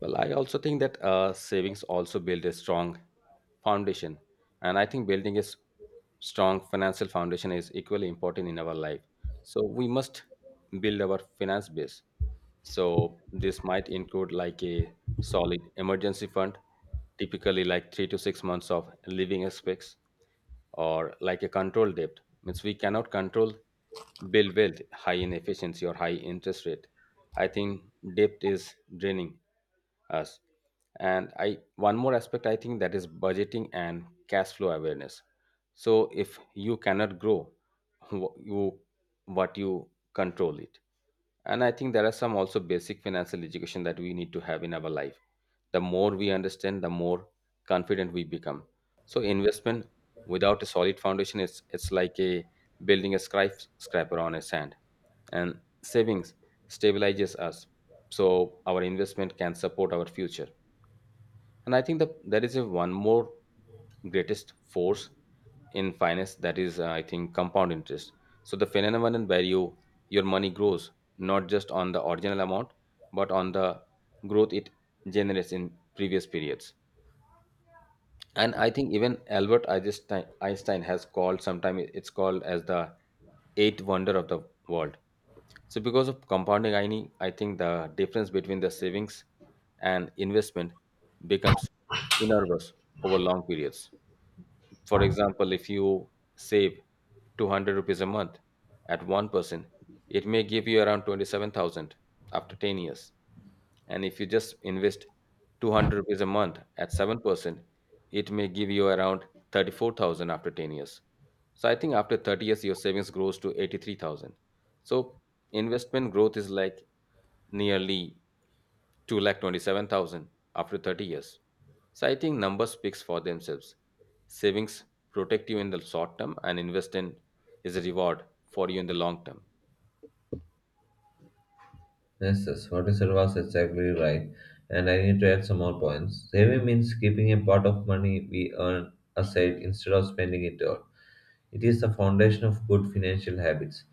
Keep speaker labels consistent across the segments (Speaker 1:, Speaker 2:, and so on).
Speaker 1: Well, I also think that savings also build a strong foundation, and I think building a strong financial foundation is equally important in our life. So we must build our finance base. So this might include like a solid emergency fund, typically like 3 to 6 months of living expenses, or like a control debt means we cannot control build wealth high in efficiency or high interest rate. I think depth is draining us. And I one more aspect I think that is budgeting and cash flow awareness. So if you cannot grow, wh- you what you control it. And I think there are some also basic financial education that we need to have in our life. The more we understand, the more confident we become. So investment without a solid foundation, it's like a building a scry scraper on a sand. And savings stabilizes us so our investment can support our future. And I think that there is a one more greatest force in finance that is I think compound interest. So the phenomenon where your money grows not just on the original amount but on the growth it generates in previous periods. And I think even Albert Einstein has called sometime it's called as the eighth wonder of the world. So because of compounding I think the difference between the savings and investment becomes enormous over long periods. For example, if you save 200 rupees a month at 1%, it may give you around 27,000 after 10 years. And if you just invest 200 rupees a month at 7%, it may give you around 34,000 after 10 years. So I think after 30 years, your savings grows to 83,000. So investment growth is like nearly 2,27,000 after 30 years. So I think numbers speaks for themselves. Savings protect you in the short term and investment is a reward for you in the long term.
Speaker 2: Yes, yes, what you said was exactly right, and I need to add some more points. Saving means keeping a part of money we earn aside instead of spending it all. It is the foundation of good financial habits.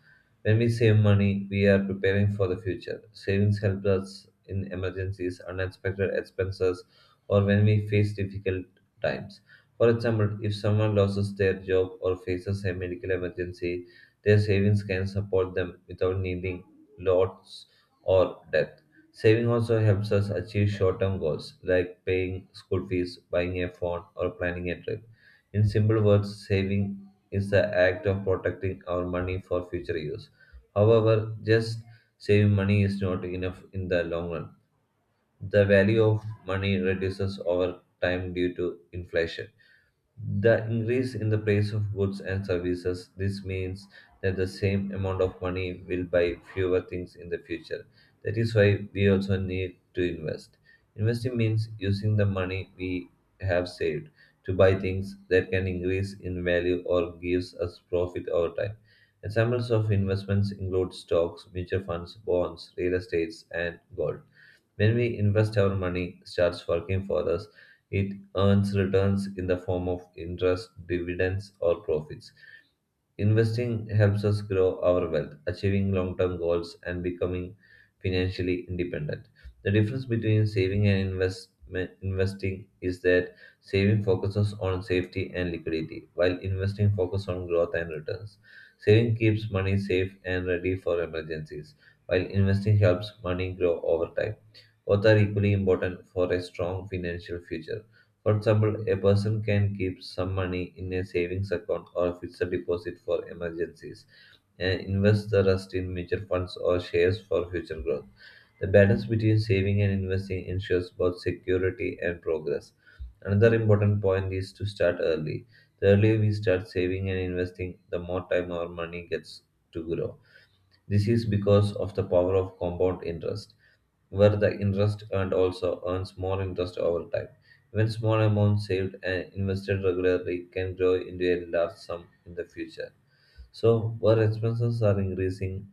Speaker 2: When we save money, we are preparing for the future. Savings help us in emergencies, unexpected expenses, or when we face difficult times. For example, if someone loses their job or faces a medical emergency, their savings can support them without needing lots or debt. Saving also helps us achieve short term goals like paying school fees, buying a phone, or planning a trip. In simple words, saving is the act of protecting our money for future use. However, just saving money is not enough in the long run. The value of money reduces over time due to inflation. The increase in the price of goods and services, this means that the same amount of money will buy fewer things in the future. That is why we also need to invest. Investing means using the money we have saved to buy things that can increase in value or gives us profit over time. Examples of investments include stocks, mutual funds, bonds, real estates, and gold. When we invest our money, starts working for us, it earns returns in the form of interest, dividends, or profits. Investing helps us grow our wealth, achieving long term goals, and becoming financially independent. The difference between saving and investment, investing is that saving focuses on safety and liquidity, while investing focuses on growth and returns. Saving keeps money safe and ready for emergencies, while investing helps money grow over time. Both are equally important for a strong financial future. For example, a person can keep some money in a savings account or a fixed deposit for emergencies and invest the rest in mutual funds or shares for future growth. The balance between saving and investing ensures both security and progress. Another important point is to start early. The earlier we start saving and investing, the more time our money gets to grow. This is because of the power of compound interest, where the interest earned also earns more interest over time. Even small amounts saved and invested regularly can grow into a large sum in the future. So, where expenses are increasing,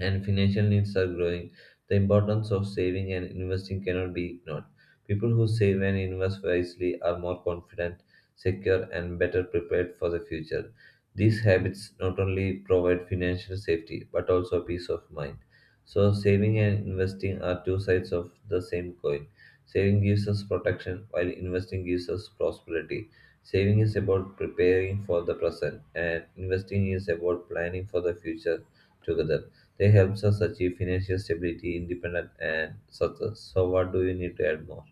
Speaker 2: and financial needs are growing, the importance of saving and investing cannot be ignored. People who save and invest wisely are more confident, secure, and better prepared for the future. These habits not only provide financial safety but also peace of mind. So, saving and investing are two sides of the same coin. Saving gives us protection, while investing gives us prosperity. Saving is about preparing for the present, and investing is about planning for the future together. They helps us achieve financial stability, independence, and success. So, what do you need to add more?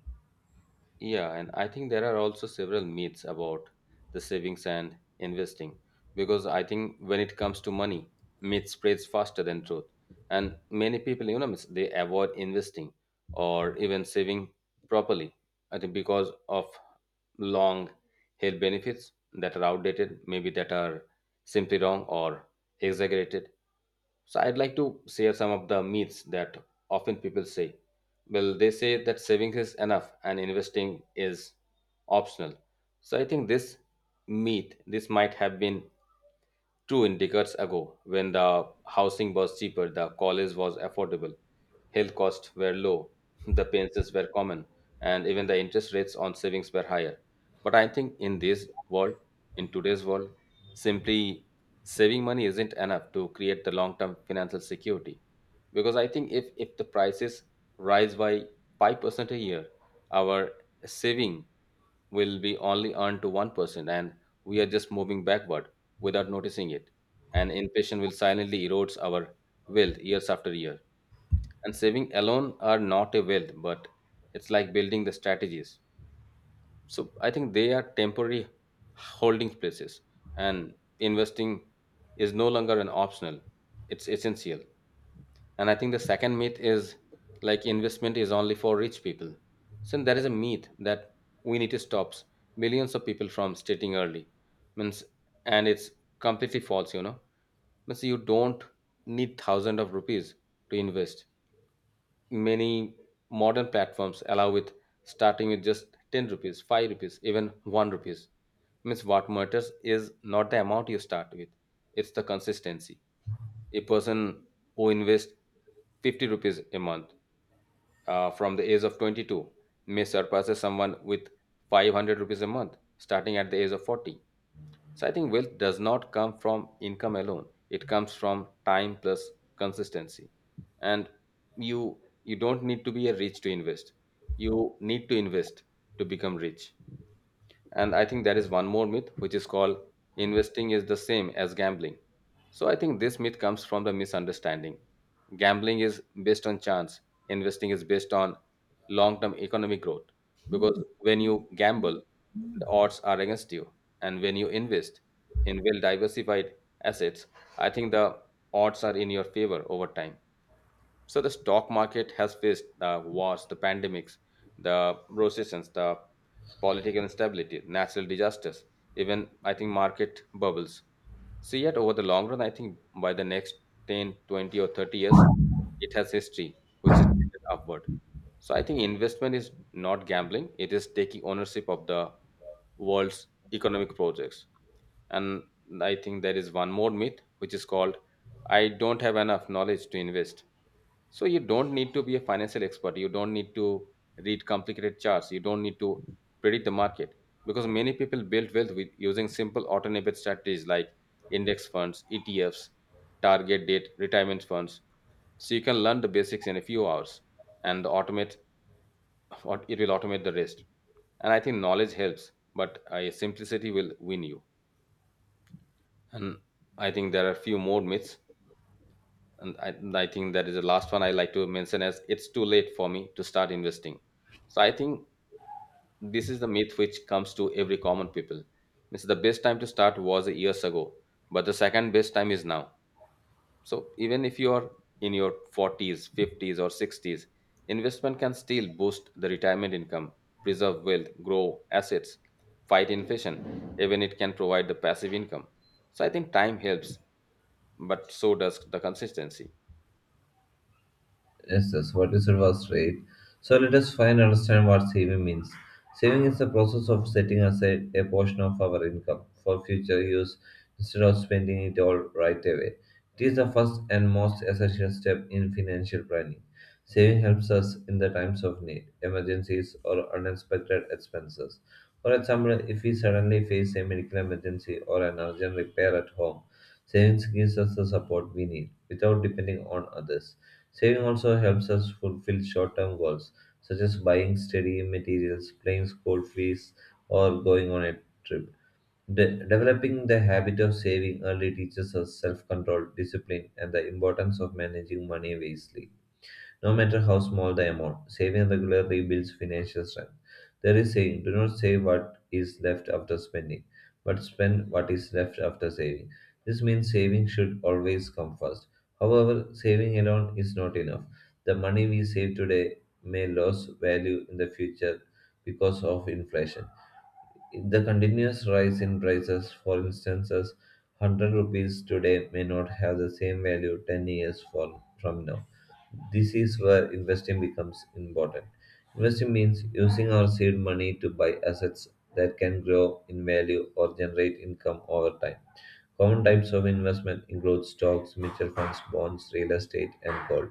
Speaker 1: Yeah, and I think there are also several myths about the savings and investing because I think when it comes to money, myth spreads faster than truth. And many people, they avoid investing or even saving properly, I think because of long held benefits that are outdated, maybe that are simply wrong or exaggerated. So I'd like to share some of the myths that often people say. Well, they say that savings is enough and investing is optional. So I think this myth, this might have been true, in decades ago, when the housing was cheaper, the college was affordable, health costs were low, the pensions were common, and even the interest rates on savings were higher. But I think in this world, in today's world, simply saving money isn't enough to create the long-term financial security. Because I think if the prices rise by 5% a year, our saving will be only earned to 1%, and we are just moving backward without noticing it. And inflation will silently erodes our wealth years after year. And saving alone are not a wealth, but it's like building the strategies. So I think they are temporary holding places, and investing is no longer an optional, it's essential. And I think the second myth is like investment is only for rich people. So there is a myth that we need to stop millions of people from starting early. Means and it's completely false. Means you don't need thousands of rupees to invest. Many modern platforms allow with starting with just 10 rupees, 5 rupees, even 1 rupees. Means what matters is not the amount you start with, it's the consistency. A person who invests 50 rupees a month from the age of 22 may surpass someone with 500 rupees a month starting at the age of 40. So I think wealth does not come from income alone, it comes from time plus consistency. And you don't need to be a rich to invest, you need to invest to become rich. And I think there is one more myth, which is called investing is the same as gambling. So I think this myth comes from the misunderstanding. Gambling is based on chance, investing is based on long term economic growth. Because when you gamble, the odds are against you. And when you invest in well diversified assets, I think the odds are in your favor over time. So the stock market has faced the wars, the pandemics, the recessions, the political instability, natural disasters, even I think market bubbles. So yet over the long run, I think by the next 10, 20, or 30 years, it has history, which is trended upward. So I think investment is not gambling. It is taking ownership of the world's economic projects. And I think there is one more myth, which is called, I don't have enough knowledge to invest. So you don't need to be a financial expert. You don't need to read complicated charts. You don't need to predict the market because many people build wealth with using simple automated strategies like index funds, ETFs, target date, retirement funds. So you can learn the basics in a few hours and automate what it will automate the rest. And I think knowledge helps, but simplicity will win you. And I think there are a few more myths and I think that is the last one I like to mention as it's too late for me to start investing. So I think this is the myth which comes to every common people. Means the best time to start was years ago, but the second best time is now. So even if you are in your 40s, 50s, or 60s, investment can still boost the retirement income, preserve wealth, grow assets, fight inflation. Even it can provide the passive income. So I think time helps, but so does the consistency.
Speaker 2: Yes, yes, what you said was right. So let us find and understand what saving means. Saving is the process of setting aside a portion of our income for future use instead of spending it all right away. It is the first and most essential step in financial planning. Saving helps us in the times of need, emergencies, or unexpected expenses. For example, if we suddenly face a medical emergency or an urgent repair at home, savings gives us the support we need without depending on others. Saving also helps us fulfill short term goals, such as buying study materials, paying school fees, or going on a trip. Developing the habit of saving early teaches us self control, discipline, and the importance of managing money wisely no matter how small the amount. Saving regularly builds financial strength. There is saying, do not save what is left after spending, but spend what is left after saving. This means saving should always come first. However, saving alone is not enough. The money we save today may lose value in the future because of inflation. The continuous rise in prices, for instance, as 100 rupees today may not have the same value 10 years for, from now. This is where investing becomes important. Investing means using our seed money to buy assets that can grow in value or generate income over time. Common types of investment include stocks, mutual funds, bonds, real estate, and gold.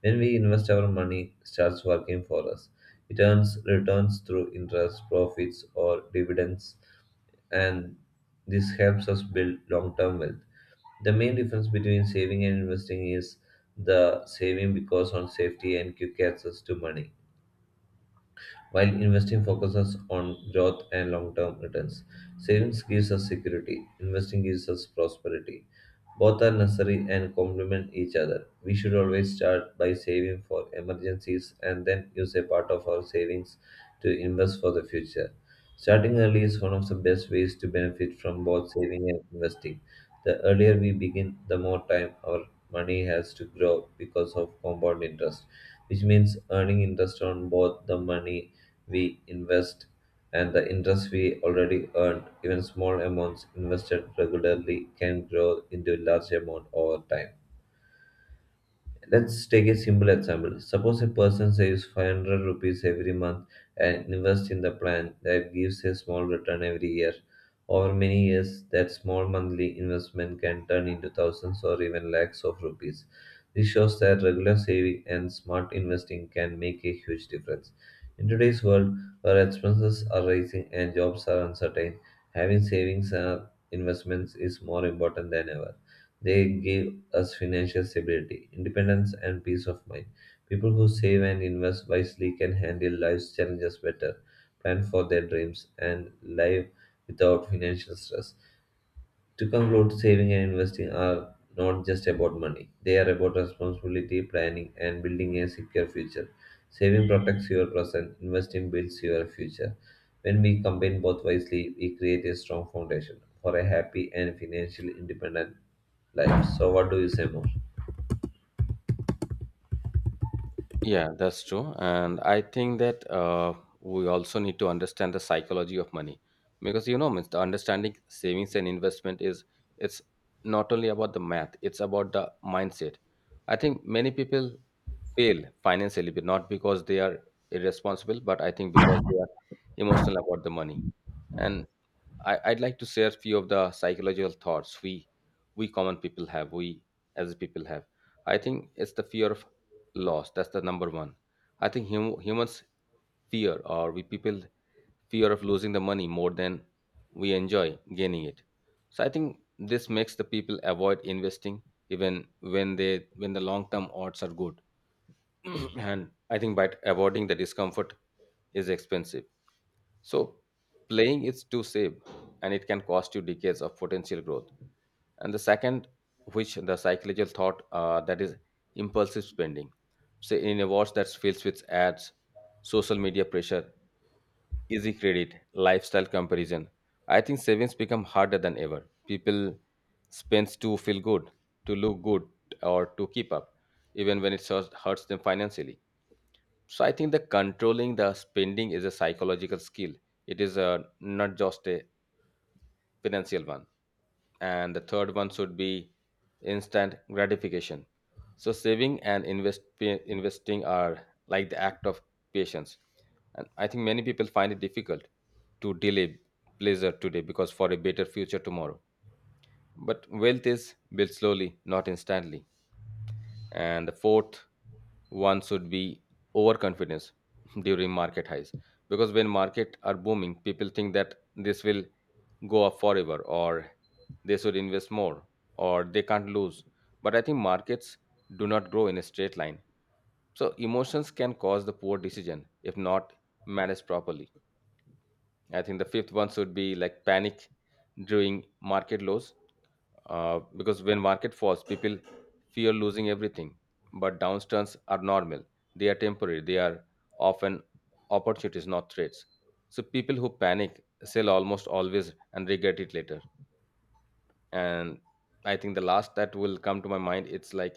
Speaker 2: When we invest our money, starts working for us, returns through interest, profits, or dividends, and this helps us build long-term wealth. The main difference between saving and investing is the saving because on safety and quick access to money, while investing focuses on growth and long term returns. Savings gives us security, investing gives us prosperity. Both are necessary and complement each other. We should always start by saving for emergencies and then use a part of our savings to invest for the future. Starting early is one of the best ways to benefit from both saving and investing. The earlier we begin, the more time our money has to grow because of compound interest, which means earning interest on both the money we invest and the interest we already earned. Even small amounts invested regularly can grow into a large amount over time. Let's take a simple example. Suppose a person saves 500 rupees every month and invests in the plan that gives a small return every year. Over many years, that small monthly investment can turn into thousands or even lakhs of rupees. This shows that regular saving and smart investing can make a huge difference. In today's world, where expenses are rising and jobs are uncertain, having savings and investments is more important than ever. They give us financial stability, independence, and peace of mind. People who save and invest wisely can handle life's challenges better, plan for their dreams, and live without financial stress. To conclude, saving and investing are not just about money, they are about responsibility, planning, and building a secure future. Saving protects your present, investing builds your future. When we combine both wisely, we create a strong foundation for a happy and financially independent life. So, what do you say more?
Speaker 1: Yeah, that's true. And I think that we also need to understand the psychology of money because means the understanding savings and investment is it's not only about the math, it's about the mindset. I think many people fail financially, but not because they are irresponsible, but I think because they are emotional about the money. And I'd like to share a few of the psychological thoughts we common people have, we as people have. I think it's the fear of loss. That's the number one. I think humans fear or we people fear of losing the money more than we enjoy gaining it. So I think this makes the people avoid investing even when they when the long term odds are good. And I think by avoiding the discomfort is expensive. So, playing is to save, and it can cost you decades of potential growth. And the second, which the psychological thought that is impulsive spending. Say in a watch that's filled with ads, social media pressure, easy credit, lifestyle comparison. I think savings become harder than ever. People spends to feel good, to look good, or to keep up, even when it hurts them financially. So I think the controlling the spending is a psychological skill. It is a not just a financial one. And the third one should be instant gratification. So saving and investing are like the act of patience. And I think many people find it difficult to delay pleasure today because for a better future tomorrow. But wealth is built slowly, not instantly. And the fourth one should be overconfidence during market highs because when market are booming people think that this will go up forever, or they should invest more, or they can't lose. But I think markets do not grow in a straight line, so emotions can cause the poor decision if not managed properly. I think the fifth one should be like panic during market lows, because when market falls, people fear losing everything. But downturns are normal; they are temporary. They are often opportunities, not threats. So people who panic sell almost always and regret it later. And I think the last that will come to my mind it's like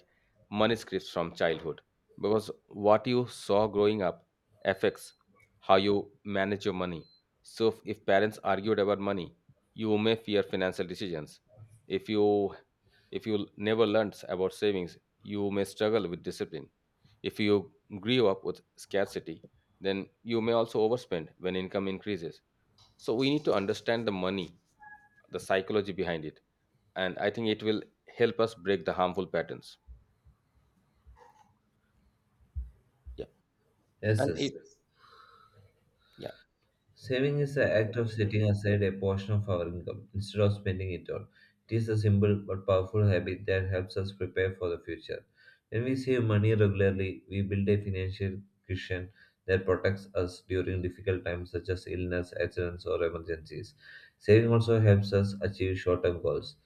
Speaker 1: manuscripts from childhood, because what you saw growing up affects how you manage your money. So if parents argued about money, you may fear financial decisions. If you if you never learned about savings, you may struggle with discipline. If you grew up with scarcity, then you may also overspend when income increases. So we need to understand the money, the psychology behind it. And I think it will help us break the harmful patterns. Yeah.
Speaker 2: Yes,
Speaker 1: And
Speaker 2: yes.
Speaker 1: it. Yeah.
Speaker 2: Saving is the act of setting aside a portion of our income instead of spending it all. It is a simple but powerful habit that helps us prepare for the future. When we save money regularly, we build a financial cushion that protects us during difficult times such as illness, accidents, or emergencies. Saving also helps us achieve short term goals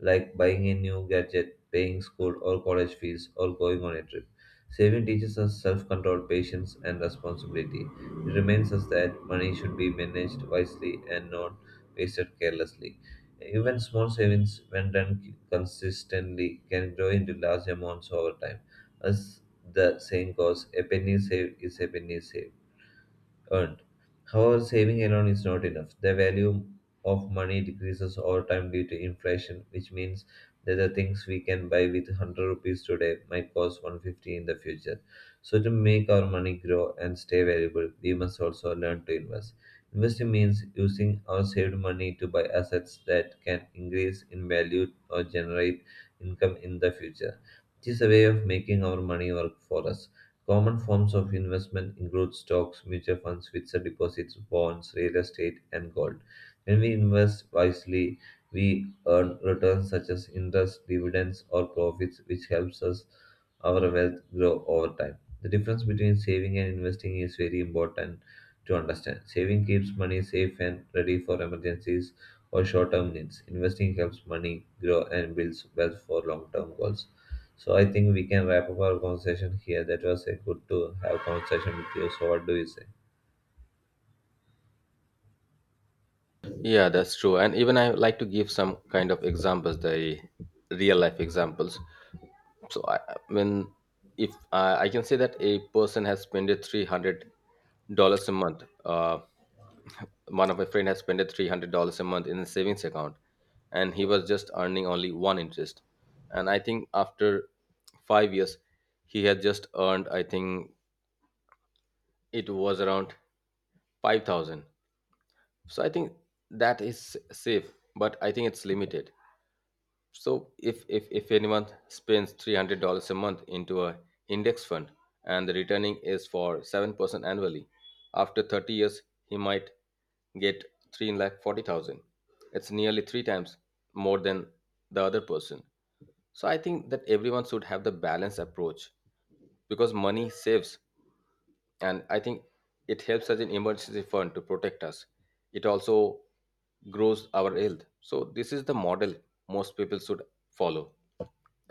Speaker 2: like buying a new gadget, paying school or college fees, or going on a trip. Saving teaches us self control, patience, and responsibility. It reminds us that money should be managed wisely and not wasted carelessly. Even small savings, when done consistently, can grow into large amounts over time. As the saying goes, a penny saved is a penny saved earned. However, saving alone is not enough. The value of money decreases over time due to inflation, which means that the things we can buy with 100 rupees today might cost 150 in the future. So, to make our money grow and stay valuable, we must also learn to invest. Investing means using our saved money to buy assets that can increase in value or generate income in the future. It is a way of making our money work for us. Common forms of investment include stocks, mutual funds, fixed deposits, bonds, real estate, and gold. When we invest wisely, we earn returns such as interest, dividends, or profits, which helps us our wealth grow over time. The difference between saving and investing is very important to understand. Saving keeps money safe and ready for emergencies or short-term needs. Investing helps money grow and builds wealth for long-term goals. So I think we can wrap up our conversation here. That was a good to have conversation with you. So what do you say?
Speaker 1: Yeah, that's true. And even I like to give some kind of examples, the real life examples. So I mean, if I can say that a person has spent $300 a month, one of my friend has spent $300 a month in a savings account. And he was just earning only one interest. And I think after 5 years he had just earned, I think it was around 5,000. So I think that is safe, but I think it's limited. So if anyone spends $300 a month into a index fund, and the returning is for 7% annually, after 30 years he might get 3,40,000. It's nearly three times more than the other person. So I think that everyone should have the balanced approach because money saves, and I think it helps as an emergency fund to protect us. It also grows our health. So this is the model most people should follow.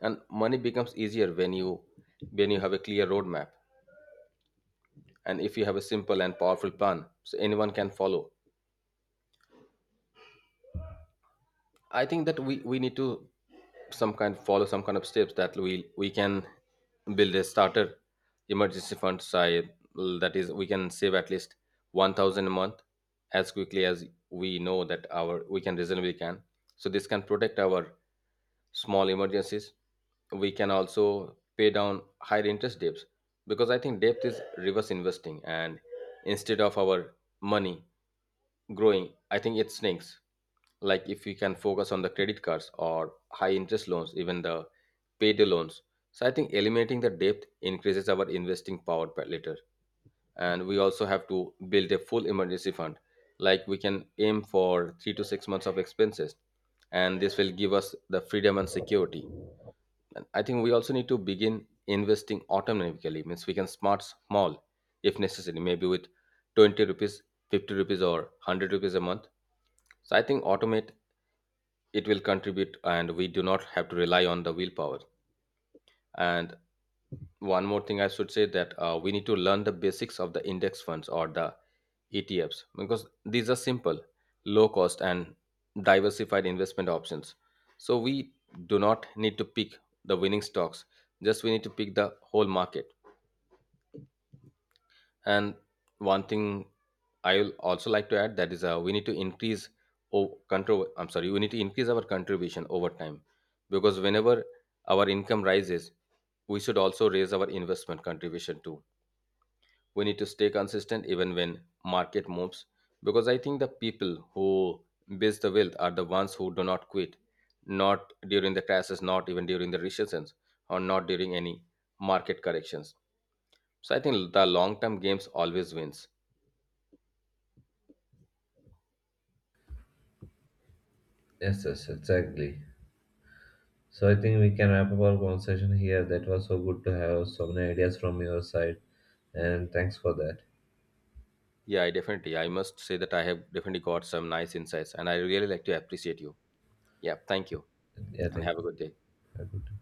Speaker 1: And money becomes easier when you have a clear roadmap, and if you have a simple and powerful plan so anyone can follow. I think that we need to some kind follow some kind of steps that we can build a starter emergency fund side. That is, we can save at least 1,000 a month as quickly as we know that our we can reasonably can. So this can protect our small emergencies. We can also pay down higher interest debts because I think debt is reverse investing. And instead of our money growing, I think it stinks. Like if we can focus on the credit cards or high interest loans, even the payday loans. So I think eliminating the debt increases our investing power later. And we also have to build a full emergency fund, like we can aim for 3 to 6 months of expenses, and this will give us the freedom and security. And I think we also need to begin investing autonomically, means we can smart small if necessary, maybe with 20 rupees, 50 rupees, or 100 rupees a month. So I think automate it will contribute, and we do not have to rely on the willpower. And one more thing I should say that we need to learn the basics of the index funds or the ETFs because these are simple, low cost, and diversified investment options. So we do not need to pick the winning stocks; just we need to pick the whole market. And one thing I will also like to add that is we need to increase control. I'm sorry, we need to increase our contribution over time because whenever our income rises, we should also raise our investment contribution too. We need to stay consistent even when market moves because I think the people who build the wealth are the ones who do not quit, not during the crashes, not even during the recessions, or not during any market corrections. So I think the long-term games always wins.
Speaker 2: Yes, yes, exactly. So I think we can wrap up our conversation here. That was so good to have so many ideas from your side, and thanks for that.
Speaker 1: Yeah, I definitely. I must say that I have definitely got some nice insights and I really like to appreciate you. Yeah, thank you
Speaker 2: Yeah,
Speaker 1: and
Speaker 2: thank
Speaker 1: have a
Speaker 2: you.
Speaker 1: good day.
Speaker 2: Have a good day.